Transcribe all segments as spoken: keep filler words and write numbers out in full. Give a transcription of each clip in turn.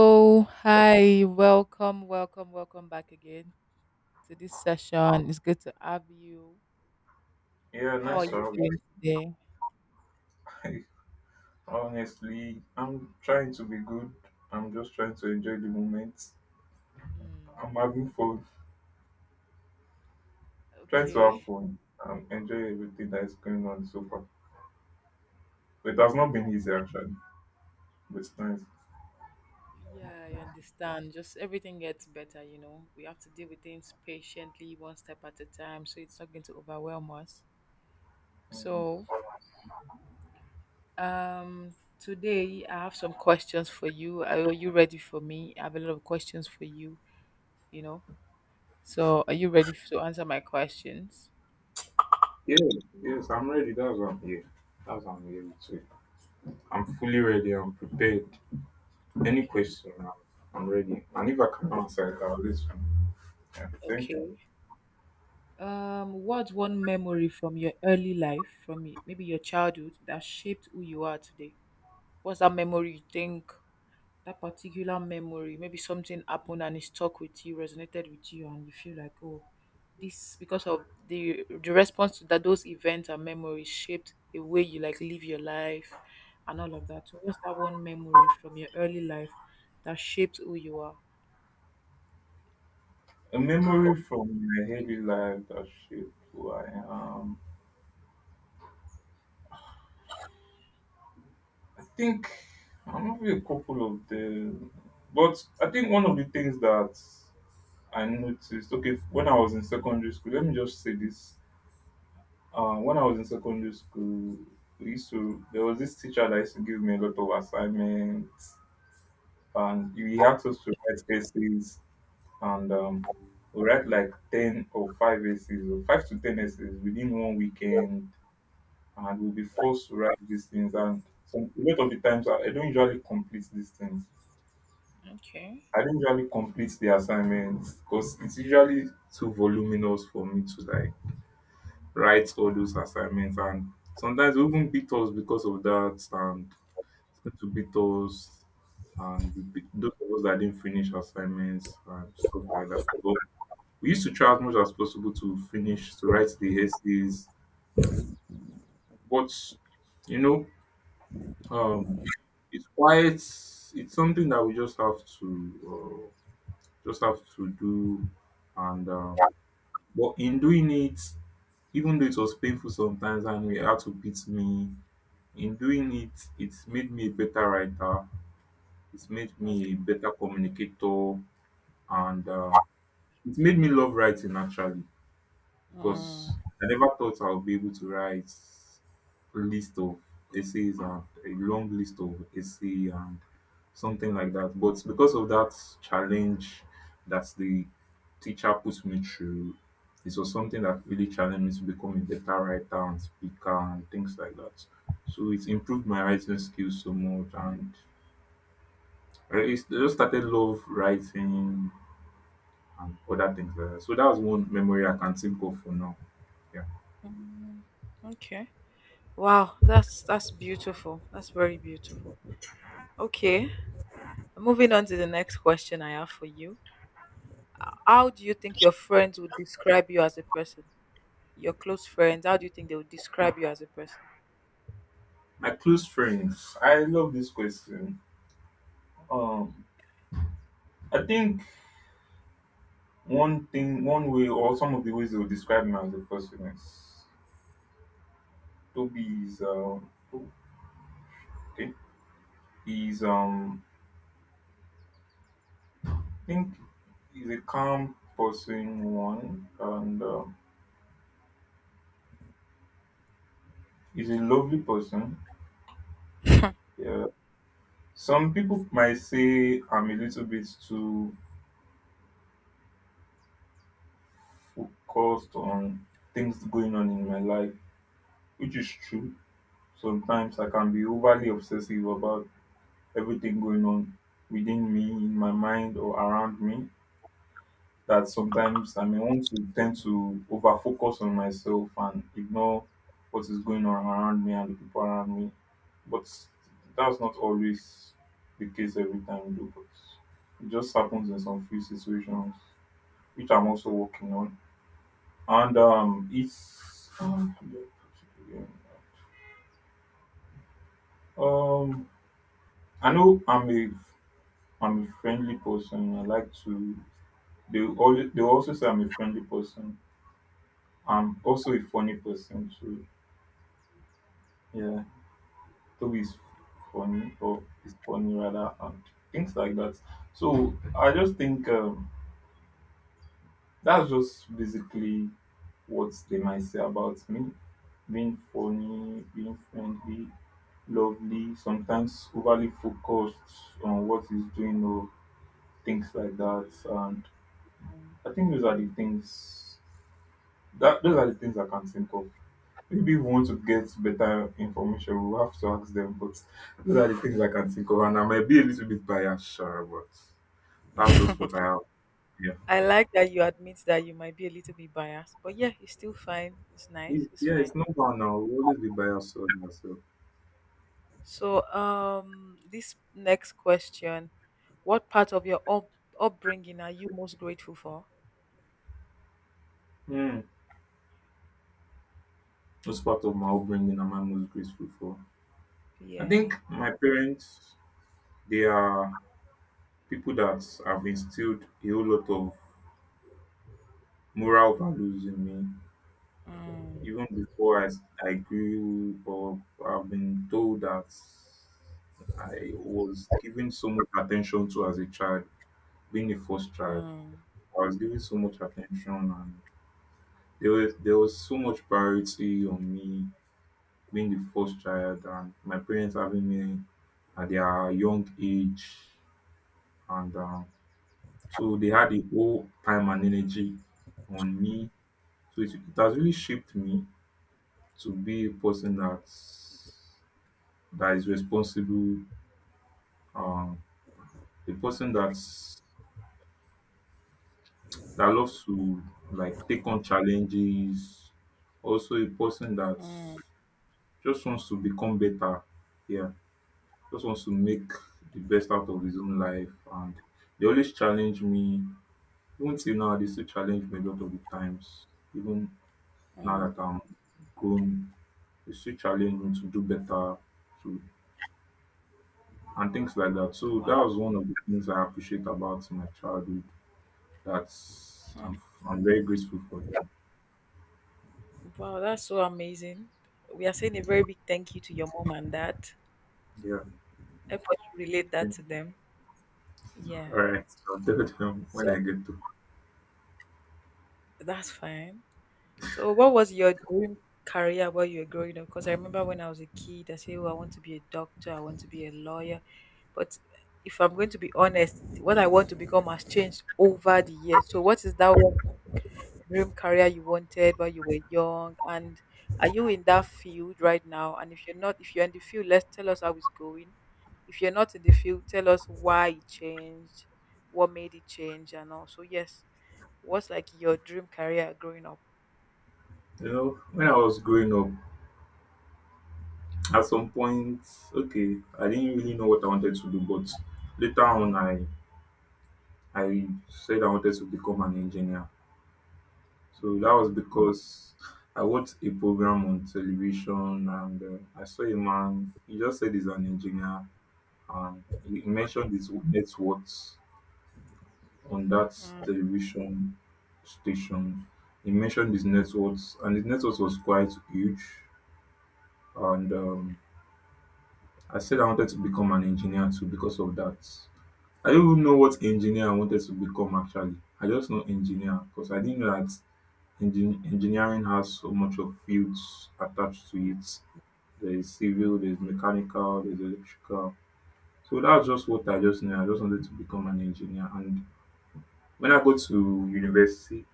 Oh, hi. Welcome, welcome, welcome back again to this session. It's good to have you. Yeah, How are nice you one. doing today? Honestly, I'm trying to be good. I'm just trying to enjoy the moment. Mm, I'm having fun, trying to have okay. fun and enjoy everything that is going on so far. But it has not been easy actually, but it's nice. Yeah, I understand. Just everything gets better, you know. We have to deal with things patiently, one step at a time, so it's not going to overwhelm us. Mm. So, um, today I have some questions for you. Are you ready for me? I have a lot of questions for you. You know. So, are you ready to answer my questions? Yeah, yes, I'm ready. That's what. I'm here. That's what I'm here with I'm fully ready. I'm prepared. Any Okay. question, I'm I'm ready. And if I can answer it, I'll listen. Yeah, thank you. Okay. Um, what's one memory from your early life, from y- maybe your childhood, that shaped who you are today? What's that memory you think? That particular memory, maybe something happened and it stuck with you, resonated with you, and you feel like, oh, this because of the the response to that those events and memories shaped the way you like live your life and all of that. So what's that one memory from your early life that shaped who you are? A memory from my daily life that shaped who I am. Think I'm having a couple of them, but I think one of the things that I noticed. Okay, when I was in secondary school, let me just say this. Uh, when I was in secondary school, we used to there was this teacher that used to give me a lot of assignments, and he asked us to write essays, and um, we write like ten or five essays, or five to ten essays within one weekend, and we'll be forced to write these things. And some a lot of the times, I I don't usually complete these things. Okay. I don't usually complete the assignments because it's usually too voluminous for me to like write all those assignments, and sometimes they even beat us because of that and tend to beat us, and we beat those of us that didn't finish assignments and stuff like that. But we used to try as much as possible to finish to write the essays. But you know, um it's quite it's something that we just have to uh, just have to do. And um But in doing it, even though it was painful sometimes and it had to beat me, in doing it, it made me a better writer. It made me Mm, a better communicator, and uh, it made me love writing actually, because mm, I never thought I would be able to write a list of essays and a long list of essay and something like that. But because of that challenge that the teacher put me through, it was something that really challenged me to become a better writer and speaker and things like that. So it improved my writing skills so much, and I really- I just started love writing and other things like that. So that was one memory I can think of for now. Yeah. okay. Wow, that's that's beautiful. That's very beautiful. Okay. Moving on to the next question I have for you. How do you think your friends would describe you as a person? Your close friends, how do you think they would describe you as a person? My close friends. I love this question. Um, I think one thing, one way, or some of the ways they would describe me as a person is Toby is um, oh, okay. He's um, I think he's a calm person one, and um, he's a lovely person. Yeah. Some people might say I'm a little bit too focused on things going on in my life, which is true. Sometimes I can be overly obsessive about everything going on within me, in my mind, or around me. That sometimes I may want to tend to over focus on myself and ignore what is going on around me and the people around me. But that's not always the case every time, though. But it just happens in some few situations, which I'm also working on. And um, it's um, um, I know I'm a I'm a friendly person. I like to They will always they will also say I'm a friendly person. I'm also a funny person too. Yeah. Toby is funny, or is funny rather, and things like that. So I just think um, that's just basically what they might say about me. Being funny, being friendly, lovely, sometimes overly focused on what he's doing or things like that. And I think those are the things that those are the things I can think of. Maybe we want to get better information, we'll have to ask them. But those are the things I can think of, and I might be a little bit biased, sure, but that's just what I have. Yeah, I like that you admit that you might be a little bit biased, but yeah, it's still fine. It's nice. it's, It's yeah, fine. it's not bad now. We always be biased on ourselves. So, um, this next question, what part of your up- upbringing are you most grateful for? Mm. That's part of my upbringing, and I'm most grateful for. I think Yeah. my parents, they are people that have instilled a whole lot of moral values in me. Mm. Even before I, s- I grew up, I've been told that I was given so much attention to as a child, being a first child. Mm, I was given so much attention, and there was there was so much priority on me being the first child, and my parents having me at their young age, and um, so they had the whole time and energy on me. So it, it has really shaped me to be a person that that is responsible, um, a person that's that loves to like take on challenges, also a person that mm, just wants to become better. Yeah, just wants to make the best out of his own life, and they always challenge me. Even till now, they still challenge me a lot of the times. Even now mm. that I'm grown, they still challenge me to do better, to and things like that. So that Wow. was one of the things I appreciate about my childhood. That's I'm I'm very grateful for that. Wow, that's so amazing. We are saying a very big thank you to your mom and dad. Yeah, Help us relate yeah. that to them. All Yeah. right. I'll tell them So when I get to. that's fine. So what was your dream career while you were growing up? Because I remember when I was a kid, I said, oh, I want to be a doctor, I want to be a lawyer. But if I'm going to be honest, what I want to become has changed over the years. So what is that one dream career you wanted when you were young, and are you in that field right now? And if you're not, if you're in the field, let's tell us how it's going. If you're not in the field, tell us why it changed, what made it change and all. So yes, what's like your dream career growing up? You know, when I was growing up, at some point, okay, I didn't really know what I wanted to do, but later on, I I said I wanted to become an engineer. So that was Mm, because I watched a program on television, and uh, I saw a man. He just said he's an engineer and he mentioned his net worth on that television station. He mentioned his networks, and his networks was quite huge. And um, I said I wanted to become an engineer too because of that. I don't even know what engineer I wanted to become actually. I just know engineer because I didn't know that engin- engineering has so much of fields attached to it. There is civil, there is mechanical, there is electrical. So that's just what I just knew. I just wanted to become an engineer. And when I go to university,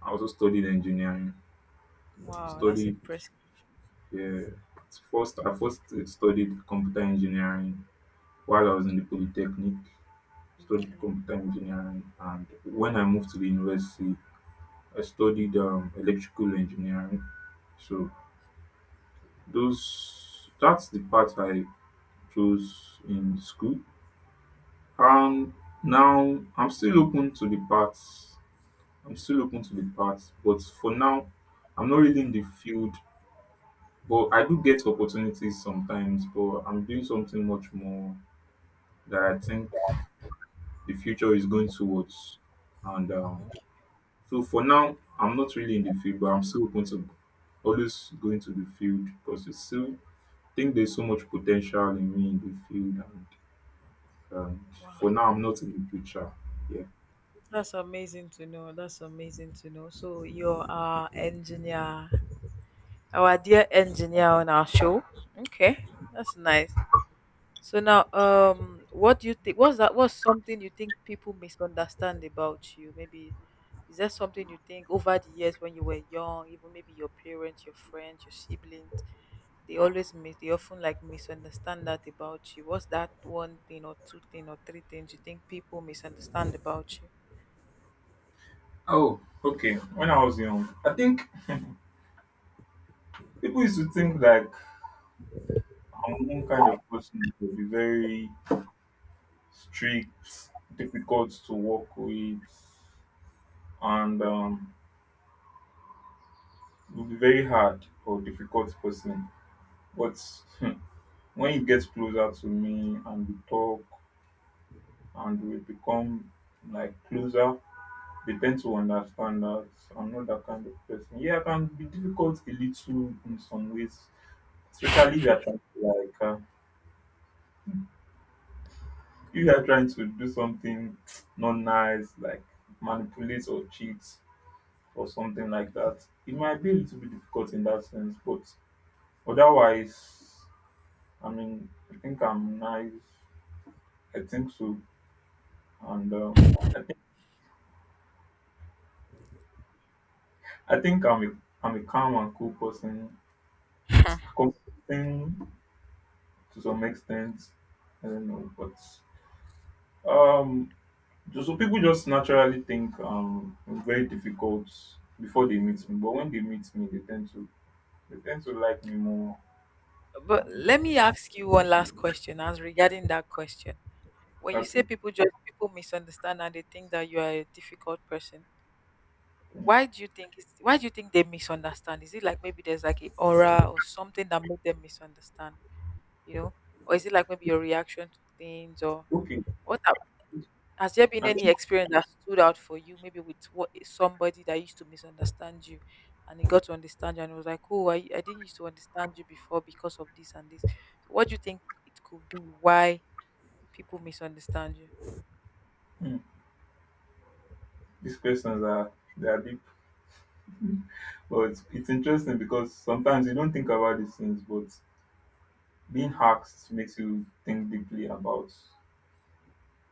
I also studied engineering. wow, that's Studied impressive. yeah, at first I first uh, studied computer engineering while I was in the polytechnic. Studied Okay. computer engineering, and when I moved to the university, I studied um, electrical engineering. So those that's the part I chose in school. Um, Now I'm still open to the parts. I'm still open to the parts, but for now, I'm not really in the field, but I do get opportunities sometimes, but I'm doing something much more that I think the future is going towards, and um, so for now I'm not really in the field, but I'm still open to always going to the field because it's still, I think, there's so much potential in me in the field, and um, Wow, for now I'm not in the future. Yeah. that's amazing to know. That's amazing to know. So you're our engineer, our dear engineer on our show. Okay, that's nice. So now, um, what do you think? What's that? What's something you think people misunderstand about you? Maybe is that something you think over the years when you were young, even maybe your parents, your friends, your siblings, they always mis- they often like misunderstand that about you. What's that one thing or two thing or three things you think people misunderstand about you? Oh, okay. When I was young, I think people used to think like I'm one kind of person to be very strict, difficult to work with, and um, it would be very hard for a difficult person. But hmm, when you get closer to me and we talk and we become like closer, they tend to understand that I'm not that kind of person. Yeah, I can be difficult a little in some ways, especially if you are trying to like uh, hmm, if you are trying to do something not nice, like manipulate or cheat or something like that, it might be a little bit difficult in that sense. But otherwise, I mean, I think I'm nice. I think so, and um, I think I think I'm a I'm a calm and cool person, accommodating to some extent. I don't know, but um, just, so people just naturally think um I'm very difficult before they meet me, but when they meet me, they tend to they tend to like me more. But And let me ask you one last question as regarding that question. When you say okay, people just people misunderstand and they think that you are a difficult person, yeah. why do you think it's why do you think they misunderstand? Is it like maybe there's like a aura or something that made them misunderstand, you know? Or is it like maybe your reaction to things, or Okay, what hap- has there been I any think experience that stood out for you, maybe with what somebody that used to misunderstand you and he got to understand you, and it was like, oh, I, I didn't used to understand you before because of this and this. So what do you think it could be why people misunderstand you? hmm, these questions are they are a bit. Well, it's, it's interesting because sometimes you don't think about these things, but being Hmm. hacked makes you think deeply about.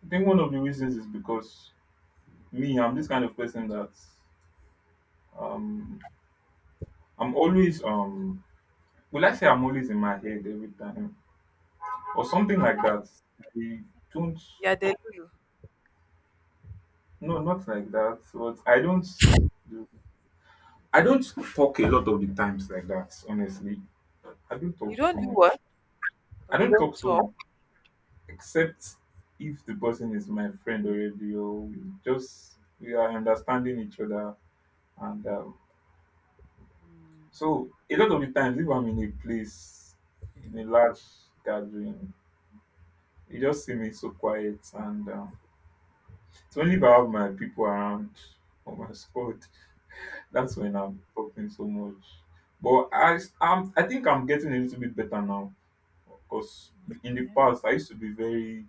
I think one of the reasons is because me, I'm this kind of person that um, I'm always um, will I say I'm always in my head every time or something like that. I don't, Yeah, they you. no, not like that. But I don't, I don't talk a lot of the times like that. Honestly, I don't You talk don't so do what? much. Or I you don't don't talk so talk? much. Except if the person is my friend already, or we just we are understanding each other, and um, Mm. so a lot of the times, if I'm in a place in a large gathering, you just see me so quiet, and um, it's only if I have my people around or my squad that's when I'm talking so much. But I I'm, I think I'm getting a little bit better now, because in the Yeah. past I used to be very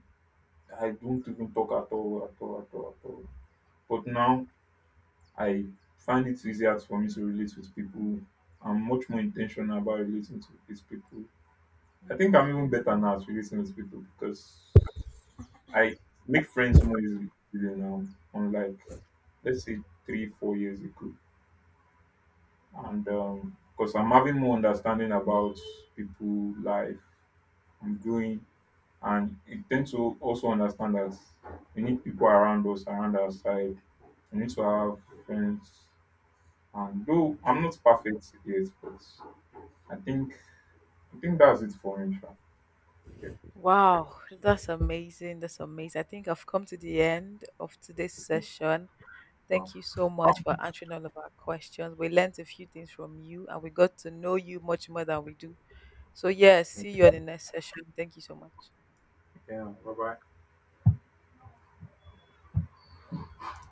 I don't even talk at all, at all, at all, at all. But now I find it easier for me to relate with people. I'm much more intentional about relating to these people. I think I'm Mm. even better now at relating with people because I make friends more easily now, unlike let's say three, four years ago. And um, because I'm having more understanding about people, life, I'm growing, and it tends to also understand that we need people around us, around our side. We need to have friends. And though I'm not perfect yet, but I think I think that's it for me. Sha. Yeah, Wow, that's amazing. That's amazing. I think I've come to the end of today's okay. session. Oh, Thank you so much for answering all of our questions. We learned a few things from you, and we got to know you much more than we do. So, yes, see you on the next session. Thank you so much. yeah. Bye bye.